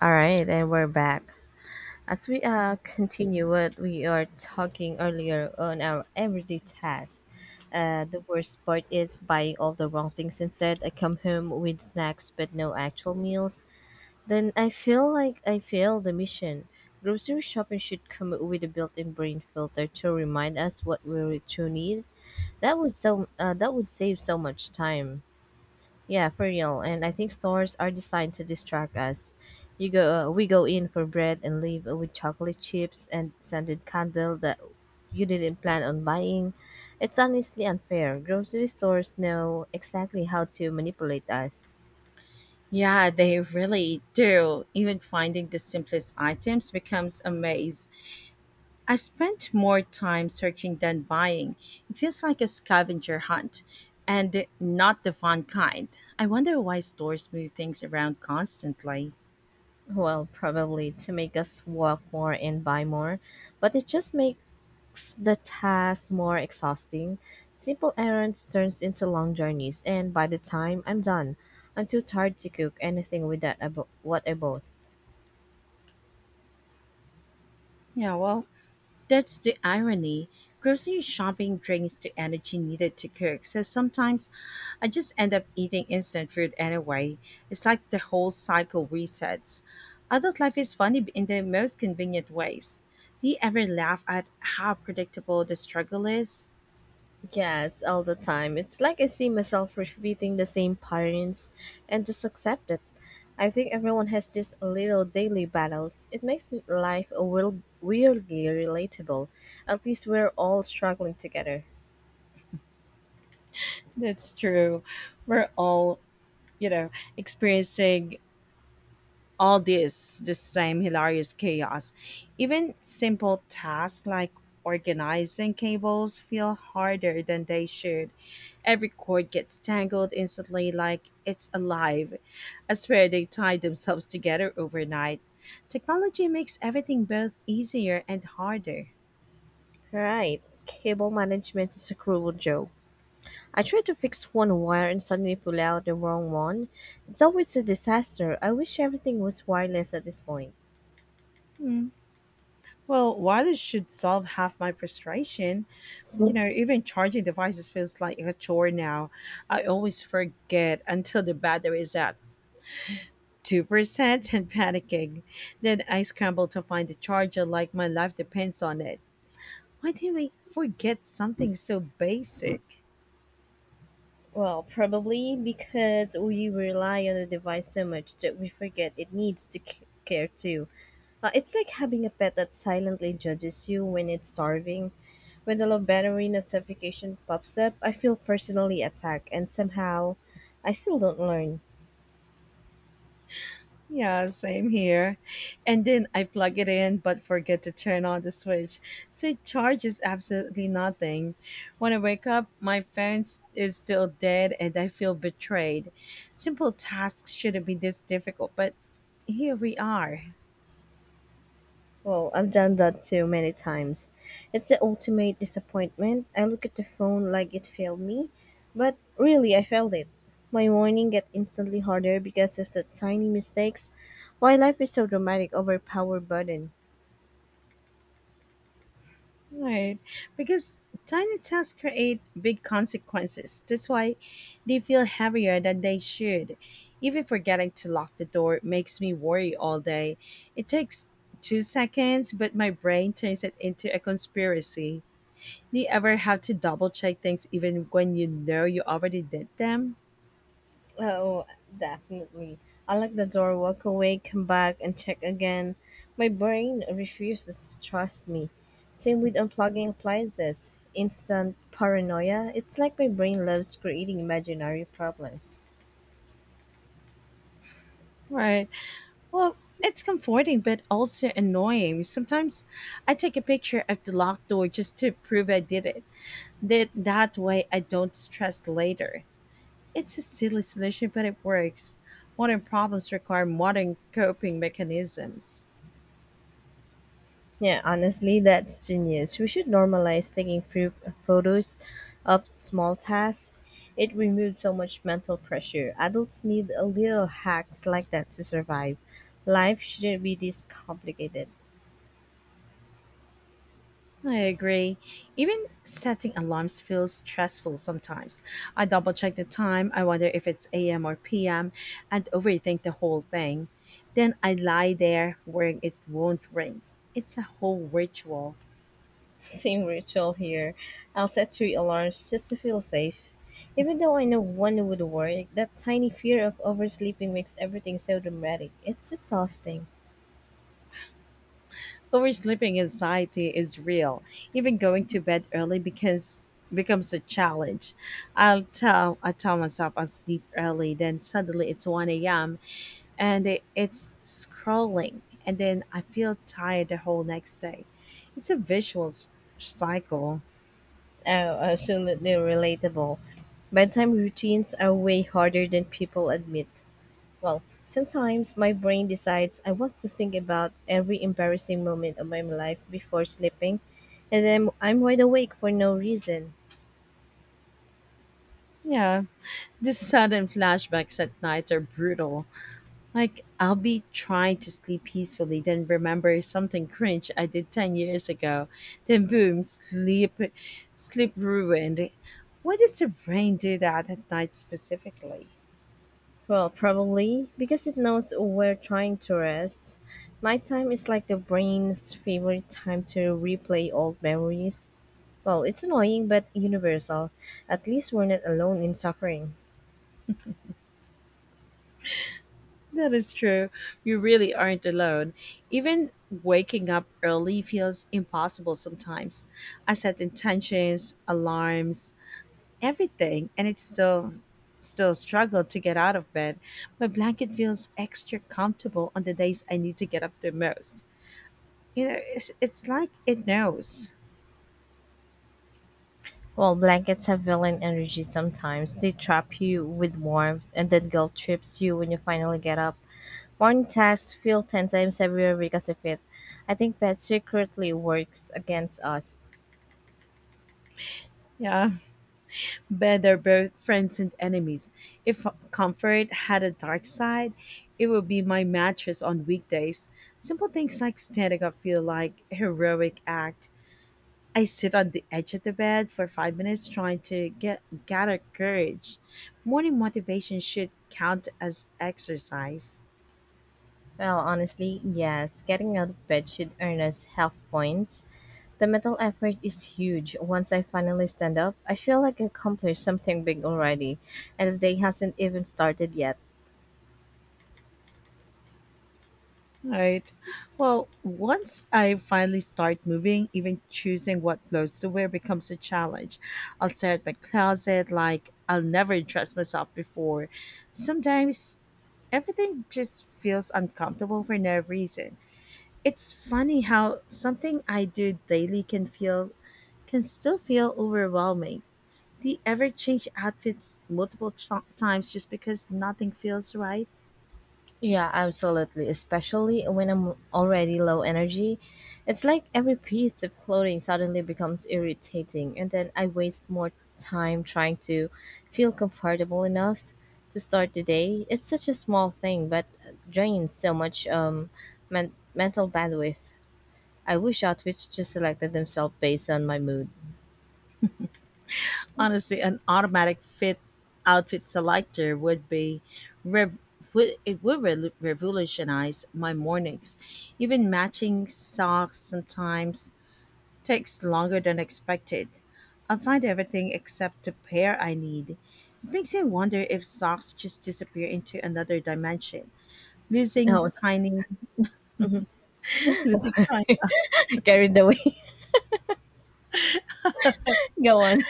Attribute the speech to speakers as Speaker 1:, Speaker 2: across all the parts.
Speaker 1: All right, and we're back. As we continue what we are talking earlier on our everyday tasks, the worst part is buying all the wrong things instead. I come home with snacks but no actual meals. Then I feel like I failed the mission. Grocery shopping should come with a built-in brain filter to remind us what we really truly need. That would save so much time. Yeah, for real. And I think stores are designed to distract us. We go in for bread and leave with chocolate chips and scented candle that you didn't plan on buying. It's honestly unfair. Grocery stores know exactly how to manipulate us.
Speaker 2: Yeah, they really do. Even finding the simplest items becomes a maze. I spent more time searching than buying. It feels like a scavenger hunt, and not the fun kind. I wonder why stores move things around constantly.
Speaker 1: Well, probably to make us walk more and buy more, but it just makes the task more exhausting. Simple errands turns into long journeys, and by the time I'm done, I'm too tired to cook anything with what I bought.
Speaker 2: Yeah, well, that's the irony. Grocery shopping drains the energy needed to cook, so sometimes I just end up eating instant food anyway. It's like the whole cycle resets. Adult life is funny in the most convenient ways. Do you ever laugh at how predictable the struggle is?
Speaker 1: Yes, all the time. It's like I see myself repeating the same patterns and just accept it. I think everyone has these little daily battles. It makes life a little weirdly relatable. At least we're all struggling together.
Speaker 2: That's true. We're all, you know, experiencing all this the same hilarious chaos. Even simple tasks like organizing cables feel harder than they should. Every cord gets tangled instantly like it's alive. I swear they tied themselves together overnight. Technology makes everything both easier and harder.
Speaker 1: Right. Cable management is a cruel joke. I tried to fix one wire and suddenly pull out the wrong one. It's always a disaster. I wish everything was wireless at this point.
Speaker 2: Hmm. Well, wireless should solve half my frustration. You know, even charging devices feels like a chore now. I always forget until the battery is out 2% and panicking. Then I scrambled to find the charger like my life depends on it. Why did we forget something so basic?
Speaker 1: Well, probably because we rely on the device so much that we forget it needs to care too. It's like having a pet that silently judges you when it's starving. When the low battery notification pops up, I feel personally attacked, and somehow I still don't learn.
Speaker 2: Yeah, same here. And then I plug it in but forget to turn on the switch, so it charges absolutely nothing. When I wake up, my is still dead and I feel betrayed. Simple tasks shouldn't be this difficult, but here we are.
Speaker 1: Well, I've done that too many times. It's the ultimate disappointment. I look at the phone like it failed me, but really I failed it. My morning get instantly harder because of the tiny mistakes. Why life is so dramatic over power button.
Speaker 2: Right. Because tiny tasks create big consequences. That's why they feel heavier than they should. Even forgetting to lock the door makes me worry all day. It takes 2 seconds, but my brain turns it into a conspiracy. Do you ever have to double check things even when you know you already did them?
Speaker 1: Oh, definitely. I lock the door, walk away, come back and check again. My brain refuses to trust me. Same with unplugging appliances. Instant paranoia. It's like my brain loves creating imaginary problems.
Speaker 2: Right. Well, it's comforting but also annoying. Sometimes I take a picture of the locked door just to prove I did it. That way I don't stress later. It's a silly solution, but it works. Modern problems require modern coping mechanisms.
Speaker 1: Yeah, honestly, that's genius. We should normalize taking few photos of small tasks. It removes so much mental pressure. Adults need a little hacks like that to survive. Life shouldn't be this complicated.
Speaker 2: I agree. Even setting alarms feels stressful sometimes. I double check the time, I wonder if it's AM or PM, and overthink the whole thing. Then I lie there worrying it won't ring. It's a whole ritual.
Speaker 1: Same ritual here. I'll set three alarms just to feel safe. Even though I know one would work, that tiny fear of oversleeping makes everything so dramatic. It's exhausting.
Speaker 2: Oversleeping anxiety is real. Even going to bed early because becomes a challenge. I tell myself I'll sleep early, then suddenly it's one a.m. and it's scrolling, and then I feel tired the whole next day. It's a cycle.
Speaker 1: Oh, absolutely relatable. Bedtime routines are way harder than people admit. Well, sometimes my brain decides I want to think about every embarrassing moment of my life before sleeping, and then I'm wide awake for no reason.
Speaker 2: Yeah, the sudden flashbacks at night are brutal. Like, I'll be trying to sleep peacefully, then remember something cringe I did 10 years ago. Then boom, sleep ruined. Why does the brain do that at night specifically?
Speaker 1: Well, probably because it knows we're trying to rest. Nighttime is like the brain's favorite time to replay old memories. Well, it's annoying but universal. At least we're not alone in suffering.
Speaker 2: That is true. You really aren't alone. Even waking up early feels impossible sometimes. I set intentions, alarms, everything, and it's still still struggle to get out of bed. My blanket feels extra comfortable on the days I need to get up the most. You know, it's like it knows.
Speaker 1: Well, blankets have villain energy sometimes, they trap you with warmth and then guilt trips you when you finally get up. Morning tasks feel 10 times heavier because of it. I think that secretly works against us.
Speaker 2: Yeah, bed are both friends and enemies. If comfort had a dark side, it would be my mattress on weekdays. Simple things like standing up feel like a heroic act. I sit on the edge of the bed for 5 minutes trying to get gather courage. Morning motivation should count as exercise.
Speaker 1: Well, honestly, yes, getting out of bed should earn us health points. The mental effort is huge. Once I finally stand up, I feel like I accomplished something big already, and the day hasn't even started yet.
Speaker 2: Right. Well, once I finally start moving, even choosing what clothes to wear becomes a challenge. I'll stare at my closet like I'll never dress myself before. Sometimes everything just feels uncomfortable for no reason. It's funny how something I do daily can still feel overwhelming. Do you ever change outfits times just because nothing feels right?
Speaker 1: Yeah, absolutely. Especially when I'm already low energy. It's like every piece of clothing suddenly becomes irritating, and then I waste more time trying to feel comfortable enough to start the day. It's such a small thing, but drains so much mental bandwidth. I wish outfits just selected themselves based on my mood.
Speaker 2: Honestly, an automatic fit outfit selector would be rev- would revolutionize my mornings. Even matching socks sometimes takes longer than expected. I'll find everything except the pair I need. It makes me wonder if socks just disappear into another dimension,
Speaker 1: I
Speaker 2: losing
Speaker 1: was
Speaker 2: tiny,
Speaker 1: I was
Speaker 2: losing tiny.
Speaker 1: carried away. Go on.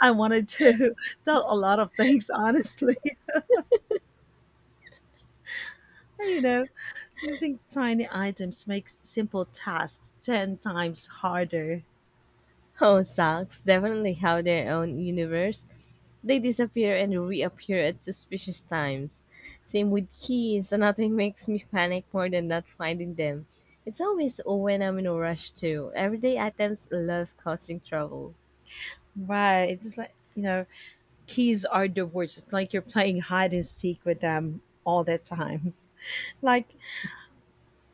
Speaker 2: I wanted to tell a lot of things, honestly. you know, Losing tiny items makes simple tasks 10 times harder.
Speaker 1: Oh, socks definitely have their own universe. They disappear and reappear at suspicious times. Same with keys, nothing makes me panic more than not finding them. It's always when I'm in a rush too. Everyday items love causing trouble.
Speaker 2: Right. It's like, you know, keys are the worst. It's like you're playing hide and seek with them all the time. Like,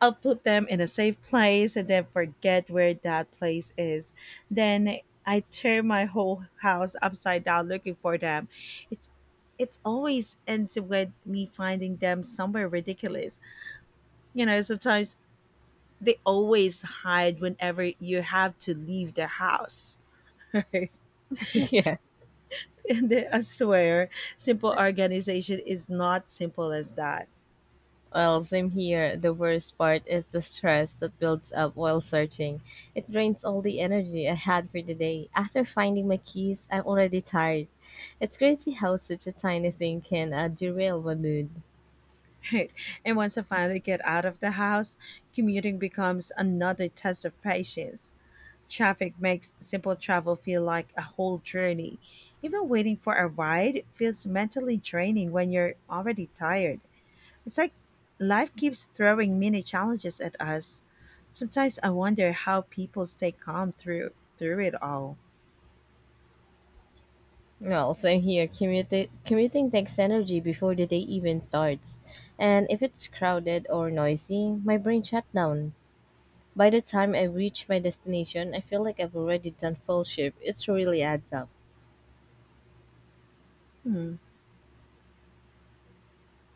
Speaker 2: I'll put them in a safe place and then forget where that place is. Then I turn my whole house upside down looking for them. It's it's always ends with me finding them somewhere ridiculous. You know, sometimes they always hide whenever you have to leave the house. Right?
Speaker 1: Yeah.
Speaker 2: And then I swear, simple organization is not simple as that.
Speaker 1: Well, same here. The worst part is the stress that builds up while searching. It drains all the energy I had for the day. After finding my keys, I'm already tired. It's crazy how such a tiny thing can derail my mood.
Speaker 2: Right. And once I finally get out of the house, commuting becomes another test of patience. Traffic makes simple travel feel like a whole journey. Even waiting for a ride feels mentally draining when you're already tired. It's like life keeps throwing mini challenges at us. Sometimes I wonder how people stay calm through it all.
Speaker 1: Well, same here. Commuting takes energy before the day even starts. And if it's crowded or noisy, my brain shut down. By the time I reach my destination, I feel like I've already done full shift. It really adds up.
Speaker 2: Hmm.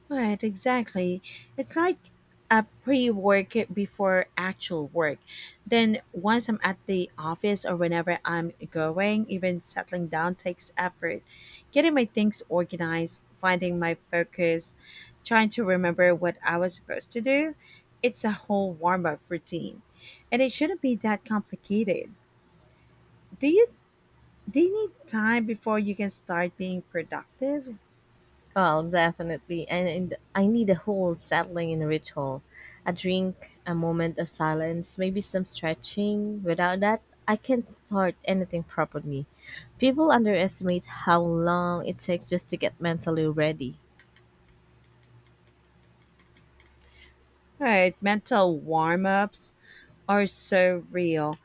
Speaker 2: Right, exactly. It's like a pre work before actual work. Then, once I'm at the office or whenever I'm going, even settling down takes effort. Getting my things organized, finding my focus, trying to remember what I was supposed to do, it's a whole warm up routine. And it shouldn't be that complicated. Do you, do you need time before you can start being productive?
Speaker 1: Well, definitely. And I need a whole settling in ritual. A drink, a moment of silence, maybe some stretching. Without that, I can't start anything properly. People underestimate how long it takes just to get mentally ready.
Speaker 2: Right, mental warm ups are so real.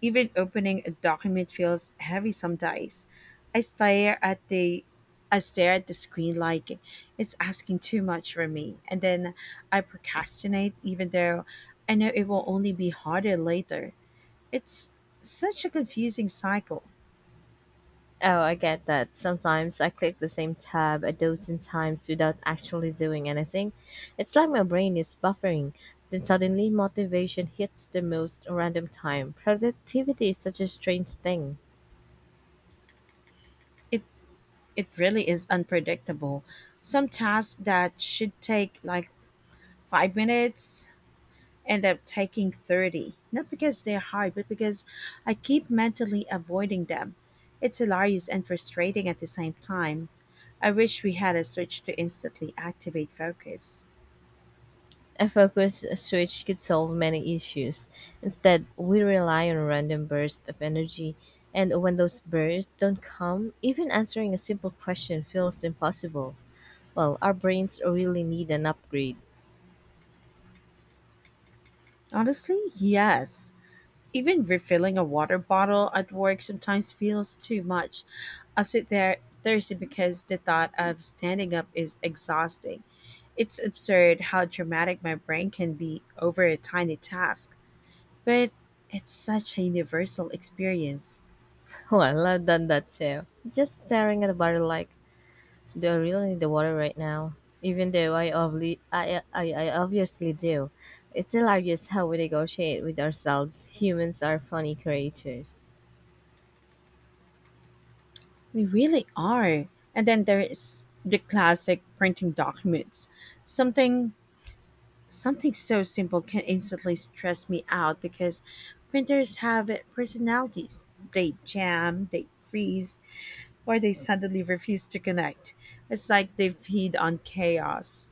Speaker 2: Even opening a document feels heavy sometimes. I stare at the I stare at the screen like it's asking too much from me, and then I procrastinate even though I know it will only be harder later. It's such a confusing cycle.
Speaker 1: Oh, I get that. Sometimes I click the same tab a dozen times without actually doing anything. It's like my brain is buffering. Then suddenly motivation hits the most random time. Productivity is such a strange thing.
Speaker 2: It it really is unpredictable. Some tasks that should take like 5 minutes end up taking 30, not because they're hard, but because I keep mentally avoiding them. It's hilarious and frustrating at the same time. I wish we had a switch to instantly activate focus.
Speaker 1: A focused switch could solve many issues. Instead, we rely on random bursts of energy, and when those bursts don't come, even answering a simple question feels impossible. Well, our brains really need an upgrade.
Speaker 2: Honestly, yes. Even refilling a water bottle at work sometimes feels too much. I sit there thirsty because the thought of standing up is exhausting. It's absurd how dramatic my brain can be over a tiny task. But it's such a universal experience.
Speaker 1: Well, I've done that too. Just staring at a bottle like, do I really need the water right now? Even though I, obli- I obviously do. It's hilarious how we negotiate with ourselves. Humans are funny creatures.
Speaker 2: We really are. And then there is the classic printing documents. Something Something so simple can instantly stress me out because printers have personalities. They jam, they freeze, or they suddenly refuse to connect. It's like they feed on chaos.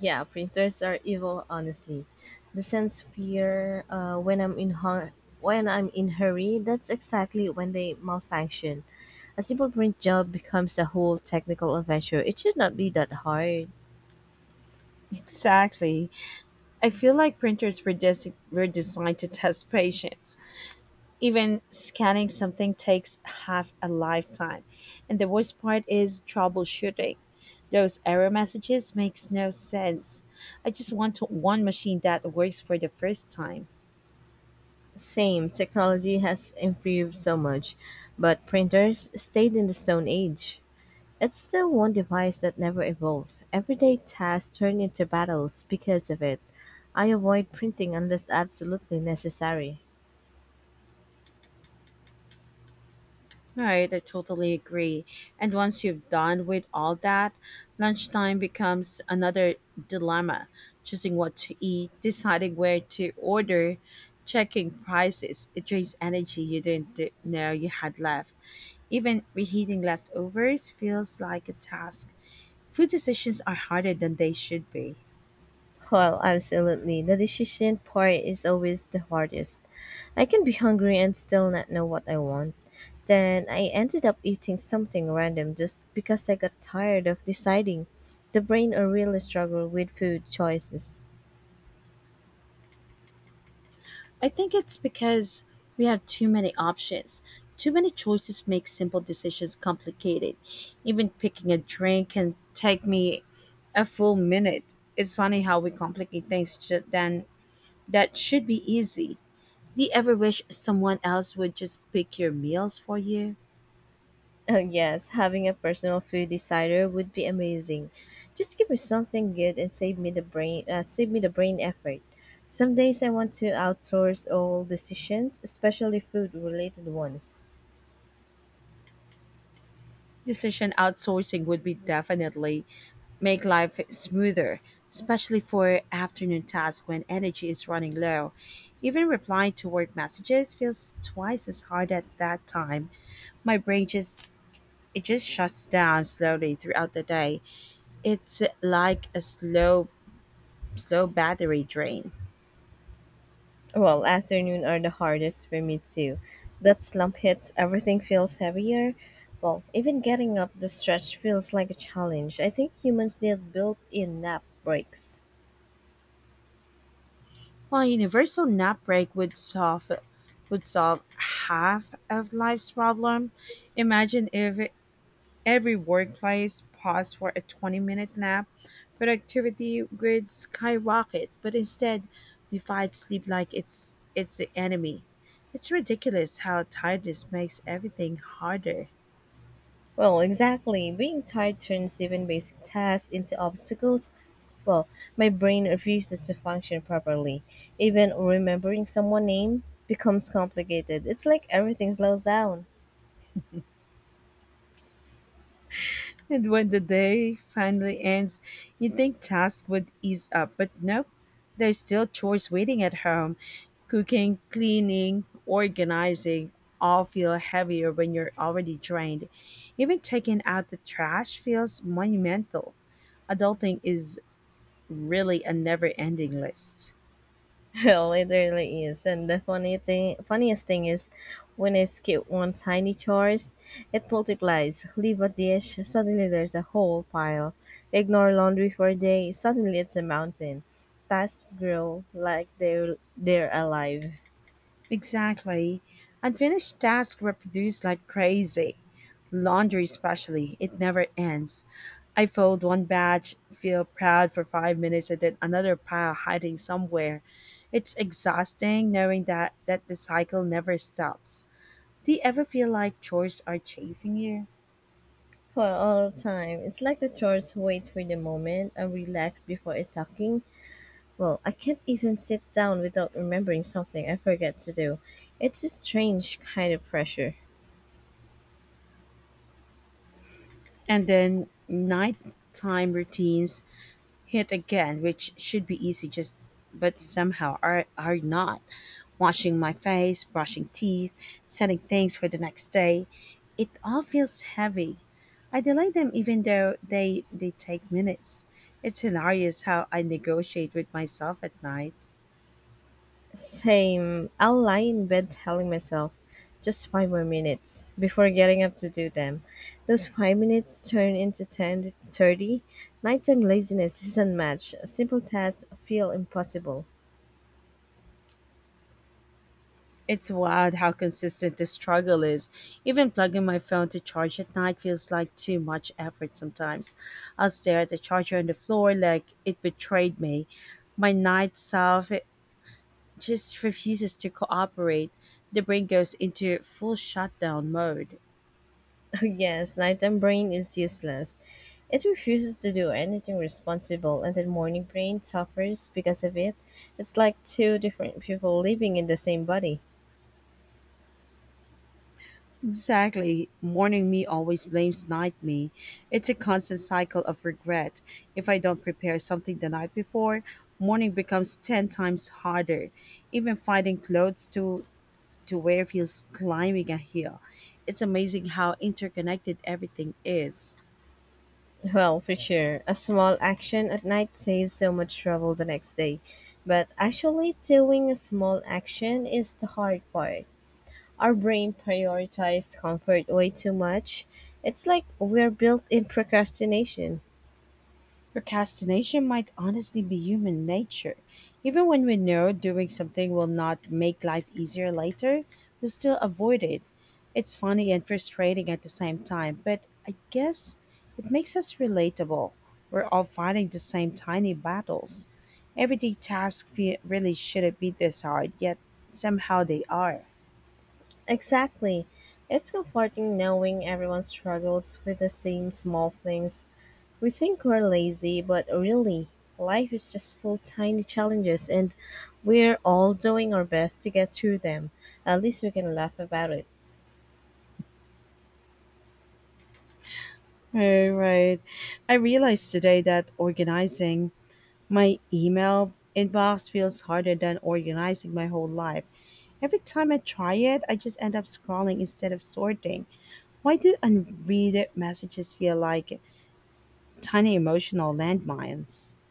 Speaker 1: Yeah, printers are evil. Honestly, the sense fear when I'm in hurry. That's exactly when they malfunction. A simple print job becomes a whole technical adventure. It should not be that hard.
Speaker 2: Exactly. I feel like printers were designed to test patience. Even scanning something takes half a lifetime. And the worst part is troubleshooting. Those error messages makes no sense. I just one machine that works for the first time.
Speaker 1: Same, technology has improved so much, but printers stayed in the Stone Age. It's the one device that never evolved. Everyday tasks turn into battles because of it. I avoid printing unless absolutely necessary.
Speaker 2: Right, I totally agree. And once you've done with all that, lunchtime becomes another dilemma: choosing what to eat, deciding where to order, checking prices. It drains energy you didn't d- know you had left. Even reheating leftovers feels like a task. Food decisions are harder than they should be.
Speaker 1: Well, absolutely. The decision part is always the hardest. I can be hungry and still not know what I want. Then I ended up eating something random just because I got tired of deciding. The brain really struggle with food choices.
Speaker 2: I think it's because we have too many options. Too many choices make simple decisions complicated. Even picking a drink can take me a full minute. It's funny how we complicate then that should be easy. Do you ever wish someone else would just pick your meals for you?
Speaker 1: Oh yes, having a personal food decider would be amazing. Just give me something good and save me the brain effort. Some days I want to outsource all decisions, especially food related ones.
Speaker 2: Decision outsourcing would be definitely make life smoother, especially for afternoon tasks when energy is running low. Even replying to work messages feels twice as hard at that time. My brain just it just shuts down slowly throughout the day. It's like a slow battery drain.
Speaker 1: Well, afternoon are the hardest for me too. That slump hits, everything feels heavier. Well, even getting up the stretch feels like a challenge. I think humans need built in nap breaks.
Speaker 2: While universal nap break would solve half of life's problem, imagine if every workplace paused for a 20-minute nap. Productivity would skyrocket, but instead, we fight sleep like it's the enemy. It's ridiculous how tiredness makes everything harder.
Speaker 1: Well, exactly. Being tired turns even basic tasks into obstacles. Well, my brain refuses to function properly. Even remembering someone's name becomes complicated. It's like everything slows down.
Speaker 2: And when the day finally ends, you think tasks would ease up, but nope. There's still chores waiting at home. Cooking, cleaning, organizing all feel heavier when you're already drained. Even taking out the trash feels monumental. Adulting is really a never ending list.
Speaker 1: Well, it really is. And funniest thing is when I skip one tiny chores, it multiplies. Leave a dish, suddenly there's a whole pile. Ignore laundry for a day, suddenly it's a mountain. Tasks grow like they're alive.
Speaker 2: Exactly. Unfinished tasks reproduce like crazy. Laundry, especially, it never ends. I fold one batch, feel proud for 5 minutes, and then another pile hiding somewhere. It's exhausting knowing that the cycle never stops. Do you ever feel like chores are chasing you?
Speaker 1: Well, all the time. It's like the chores wait for the moment and relax before attacking. Well, I can't even sit down without remembering something I forget to do. It's a strange kind of pressure.
Speaker 2: And then nighttime routines hit again, which should be easy, just but somehow are not. Washing my face, brushing teeth, setting things for the next day, it all feels heavy. I delay them even though they take minutes. It's hilarious how I negotiate with myself at night.
Speaker 1: Same. I'll lie in bed telling myself just 5 more minutes before getting up to do them. Those 5 minutes turn into 10, 30. Nighttime laziness is unmatched. Simple tasks feel impossible.
Speaker 2: It's wild how consistent the struggle is. Even plugging my phone to charge at night feels like too much effort sometimes. I'll stare at the charger on the floor like it betrayed me. My night self just refuses to cooperate. The brain goes into full shutdown mode.
Speaker 1: Yes, nighttime brain is useless. It refuses to do anything responsible, and the morning brain suffers because of it. It's like two different people living in the same body.
Speaker 2: Exactly. Morning me always blames night me. It's a constant cycle of regret. If I don't prepare something the night before, morning becomes 10 times harder. Even finding clothes to wear feels climbing a hill. It's amazing how interconnected everything is.
Speaker 1: Well, for sure. A small action at night saves so much trouble the next day. But actually, doing a small action is the hard part. Our brain prioritizes comfort way too much. It's like we're built in procrastination.
Speaker 2: Procrastination might honestly be human nature. Even when we know doing something will not make life easier later, we still avoid it. It's funny and frustrating at the same time, but I guess it makes us relatable. We're all fighting the same tiny battles. Everyday really shouldn't be this hard, yet somehow they are.
Speaker 1: Exactly. It's comforting knowing everyone struggles with the same small things. We think we're lazy, but really, life is just full of tiny challenges and we're all doing our best to get through them. At least we can laugh about it.
Speaker 2: Right, right. I realized today that organizing my email inbox feels harder than organizing my whole life. Every time I try it, I just end up scrolling instead of sorting. Why do unread messages feel like tiny emotional landmines?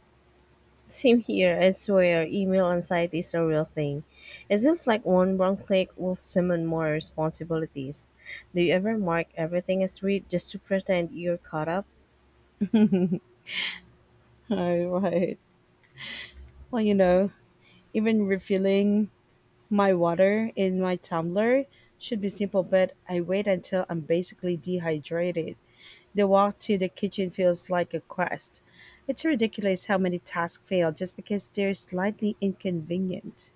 Speaker 1: Same here, I swear, email anxiety is a real thing. It feels like one wrong click will summon more responsibilities. Do you ever mark everything as read just to pretend you're caught up?
Speaker 2: Oh, right. Well, you know, Even refilling my water in my tumbler should be simple, but I wait until I'm basically dehydrated. The walk to the kitchen feels like a quest. It's ridiculous how many tasks fail just because they're slightly inconvenient.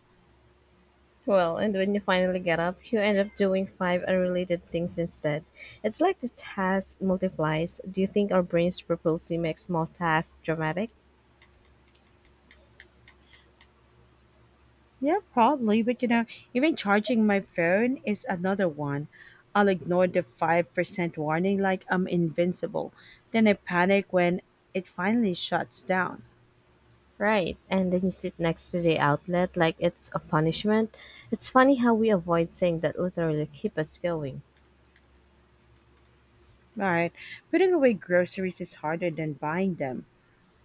Speaker 1: Well, and when you finally get up, you end up doing five unrelated things instead. It's like the task multiplies. Do you think our brains purposely make small tasks dramatic?
Speaker 2: Yeah, probably, but even charging my phone is another one. I'll ignore the 5% warning like I'm invincible. Then I panic when it finally shuts down.
Speaker 1: Right. And then you sit next to the outlet like it's a punishment. It's funny how we avoid things that literally keep us going.
Speaker 2: Right. Putting away groceries is harder than buying them.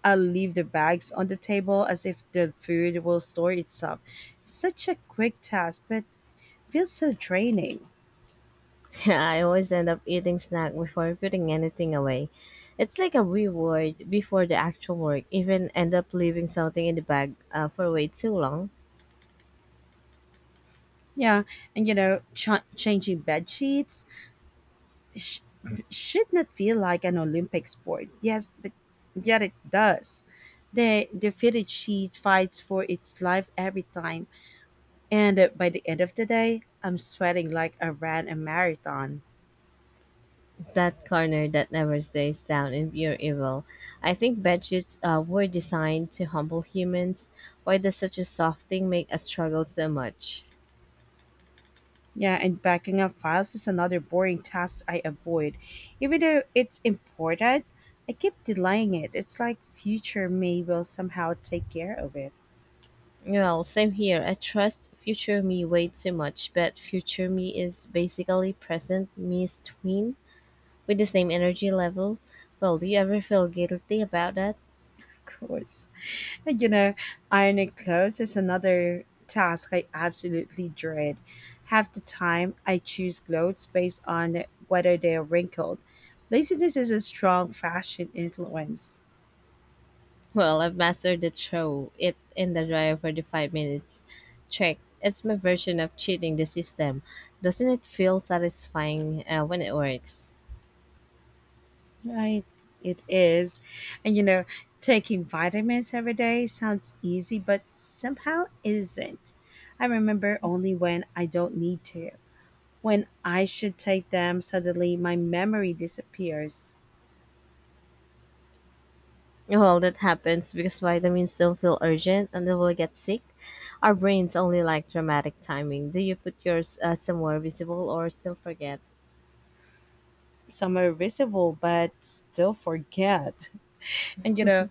Speaker 2: I'll leave the bags on the table as if the food will store itself. It's such a quick task, but feels so draining.
Speaker 1: I always end up eating snack before putting anything away. It's like a reward before the actual work, even end up leaving something in the bag for way too long.
Speaker 2: Yeah, and changing bed sheets sh- should not feel like an Olympic sport. Yes, but yet it does. The fitted sheet fights for its life every time, and by the end of the day, I'm sweating like I ran a marathon.
Speaker 1: That corner that never stays down in pure evil. I think bedsheets were designed to humble humans. Why does such a soft thing make us struggle so much?
Speaker 2: Yeah, and backing up files is another boring task I avoid, even though it's important. I keep delaying it. It's like future me will somehow take care of it.
Speaker 1: Well, same here. I trust future me way too much, but future me is basically present me's twin with the same energy level. Well, do you ever feel guilty about that?
Speaker 2: Of course. And, you know, Ironing clothes is another task I absolutely dread. Half the time, I choose clothes based on whether they are wrinkled. Laziness is a strong fashion influence.
Speaker 1: Well, I've mastered the throw it in the dryer for the 5 minutes trick. It's my version of cheating the system. Doesn't it feel satisfying when it works?
Speaker 2: Right, it is. And, you know, Taking vitamins every day sounds easy, but somehow isn't. I remember only when I don't need to. When I should take them, suddenly my memory disappears.
Speaker 1: Well, that happens because vitamins don't feel urgent until we get sick. Our brains only like dramatic timing. Do you put yours somewhere visible or still forget?
Speaker 2: Some are visible but still forget. And you know,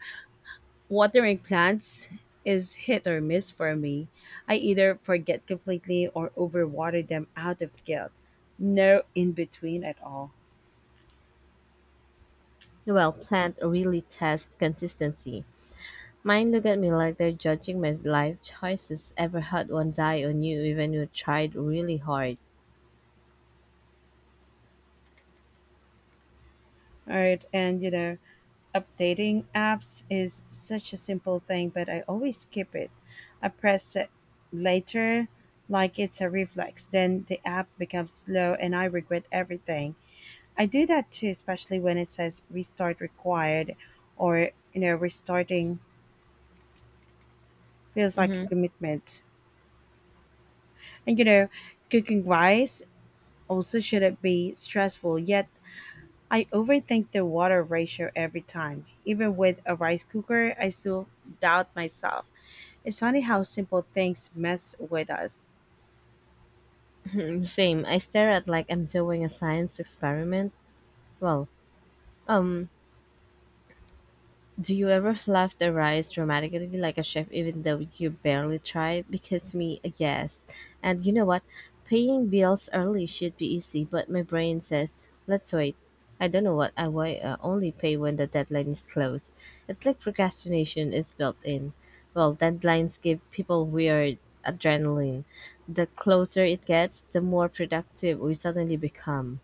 Speaker 2: Watering plants is hit or miss for me. I either forget completely or overwater them out of guilt. No in between at all.
Speaker 1: Well, plant really test consistency. Mine look at me like they're judging my life choices. Ever had one die on you even you tried really hard?
Speaker 2: All right, and updating apps is such a simple thing, but I always skip it. I press it later like it's a reflex. Then the app becomes slow and I regret everything. I do that too, especially when it says restart required or, you know, restarting feels like a
Speaker 1: Mhm.
Speaker 2: commitment. And, you know, Cooking rice also shouldn't be stressful, yet I overthink the water ratio every time. Even with a rice cooker, I still doubt myself. It's funny how simple things mess with us.
Speaker 1: Same. I stare at like I'm doing a science experiment. Well, um, do you ever fluff the rice dramatically like a chef even though you barely tried? Because me, yes. And you know what? Paying bills early should be easy, but my brain says, let's wait. I don't know what I why only pay when the deadline is close. It's like procrastination is built in. Well, deadlines give people weird adrenaline. The closer it gets, the more productive we suddenly become.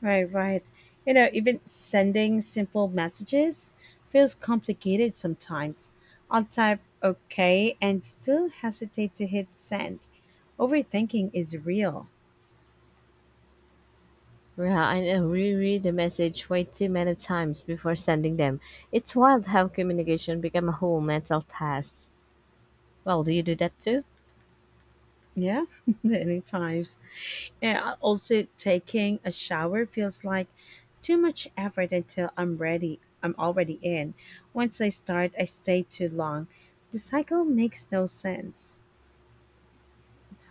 Speaker 2: Right, right. You know, even sending simple messages feels complicated sometimes. I'll type okay and still hesitate to hit send. Overthinking is real.
Speaker 1: Yeah, I know. Reread the message way too many times before sending them. It's wild how communication become a whole mental task. Well, do you do that too?
Speaker 2: Yeah, many times. Yeah, also taking a shower feels like too much effort until I'm ready. I'm already in. Once I start, I stay too long. The cycle makes no sense.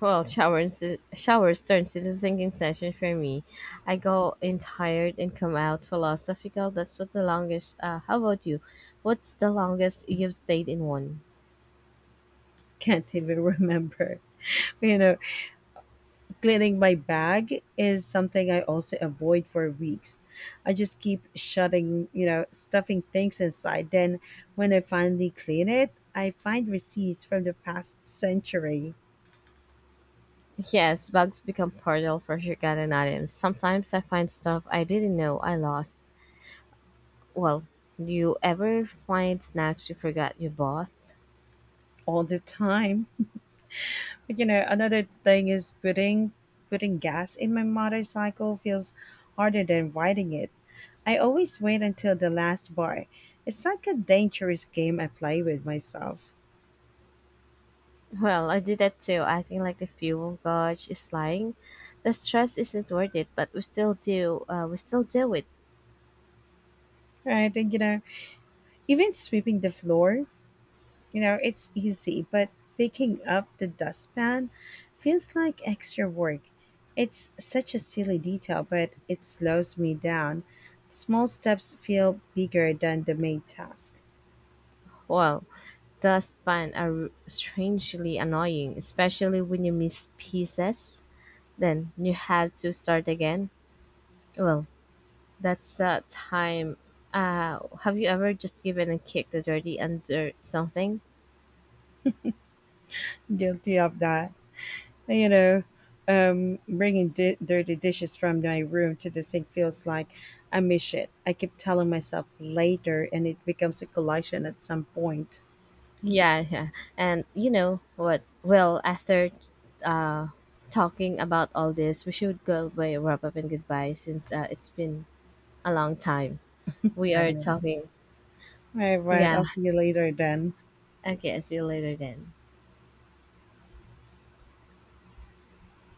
Speaker 1: Well, showers turns into thinking session for me. I go in tired and come out philosophical. That's what the longest. How about you? What's the longest you've stayed in one?
Speaker 2: Can't even remember, you know cleaning my bag is something I also avoid for weeks. I just keep shutting, you know, stuffing things inside. Then when I finally clean it, I find receipts from the past century
Speaker 1: Yes, bugs become portal for Shirkan and items. Sometimes I find stuff I didn't know I lost. Well, do you ever find snacks you forgot you bought?
Speaker 2: all the time. You know, another thing is putting gas in my motorcycle feels harder than riding it. I always wait until the last bar. It's like a dangerous game I play with myself.
Speaker 1: Well, I did that too, acting like the fuel gauge is lying. The stress isn't worth it, but we still do. We still do it.
Speaker 2: Right, and even sweeping the floor, you know, it's easy, but picking up the dustpan feels like extra work. It's such a silly detail, but it slows me down. Small steps feel bigger than the main task.
Speaker 1: Well, dustpan are strangely annoying, especially when you miss pieces. Then you have to start again. Well, that's time. Have you ever just given a kick the dirty under something?
Speaker 2: Guilty of that. You know, dirty dishes from my room to the sink feels like a mission. I keep telling myself later, and it becomes a collision at some point.
Speaker 1: Yeah, yeah. And you know what? Well, after uh, talking about all this, we should go by wrap up and goodbye since it's been a long time. We
Speaker 2: I
Speaker 1: are
Speaker 2: know.
Speaker 1: talking.
Speaker 2: All right, right.
Speaker 1: Yeah.
Speaker 2: I'll see you later then.
Speaker 1: Okay. See you later then.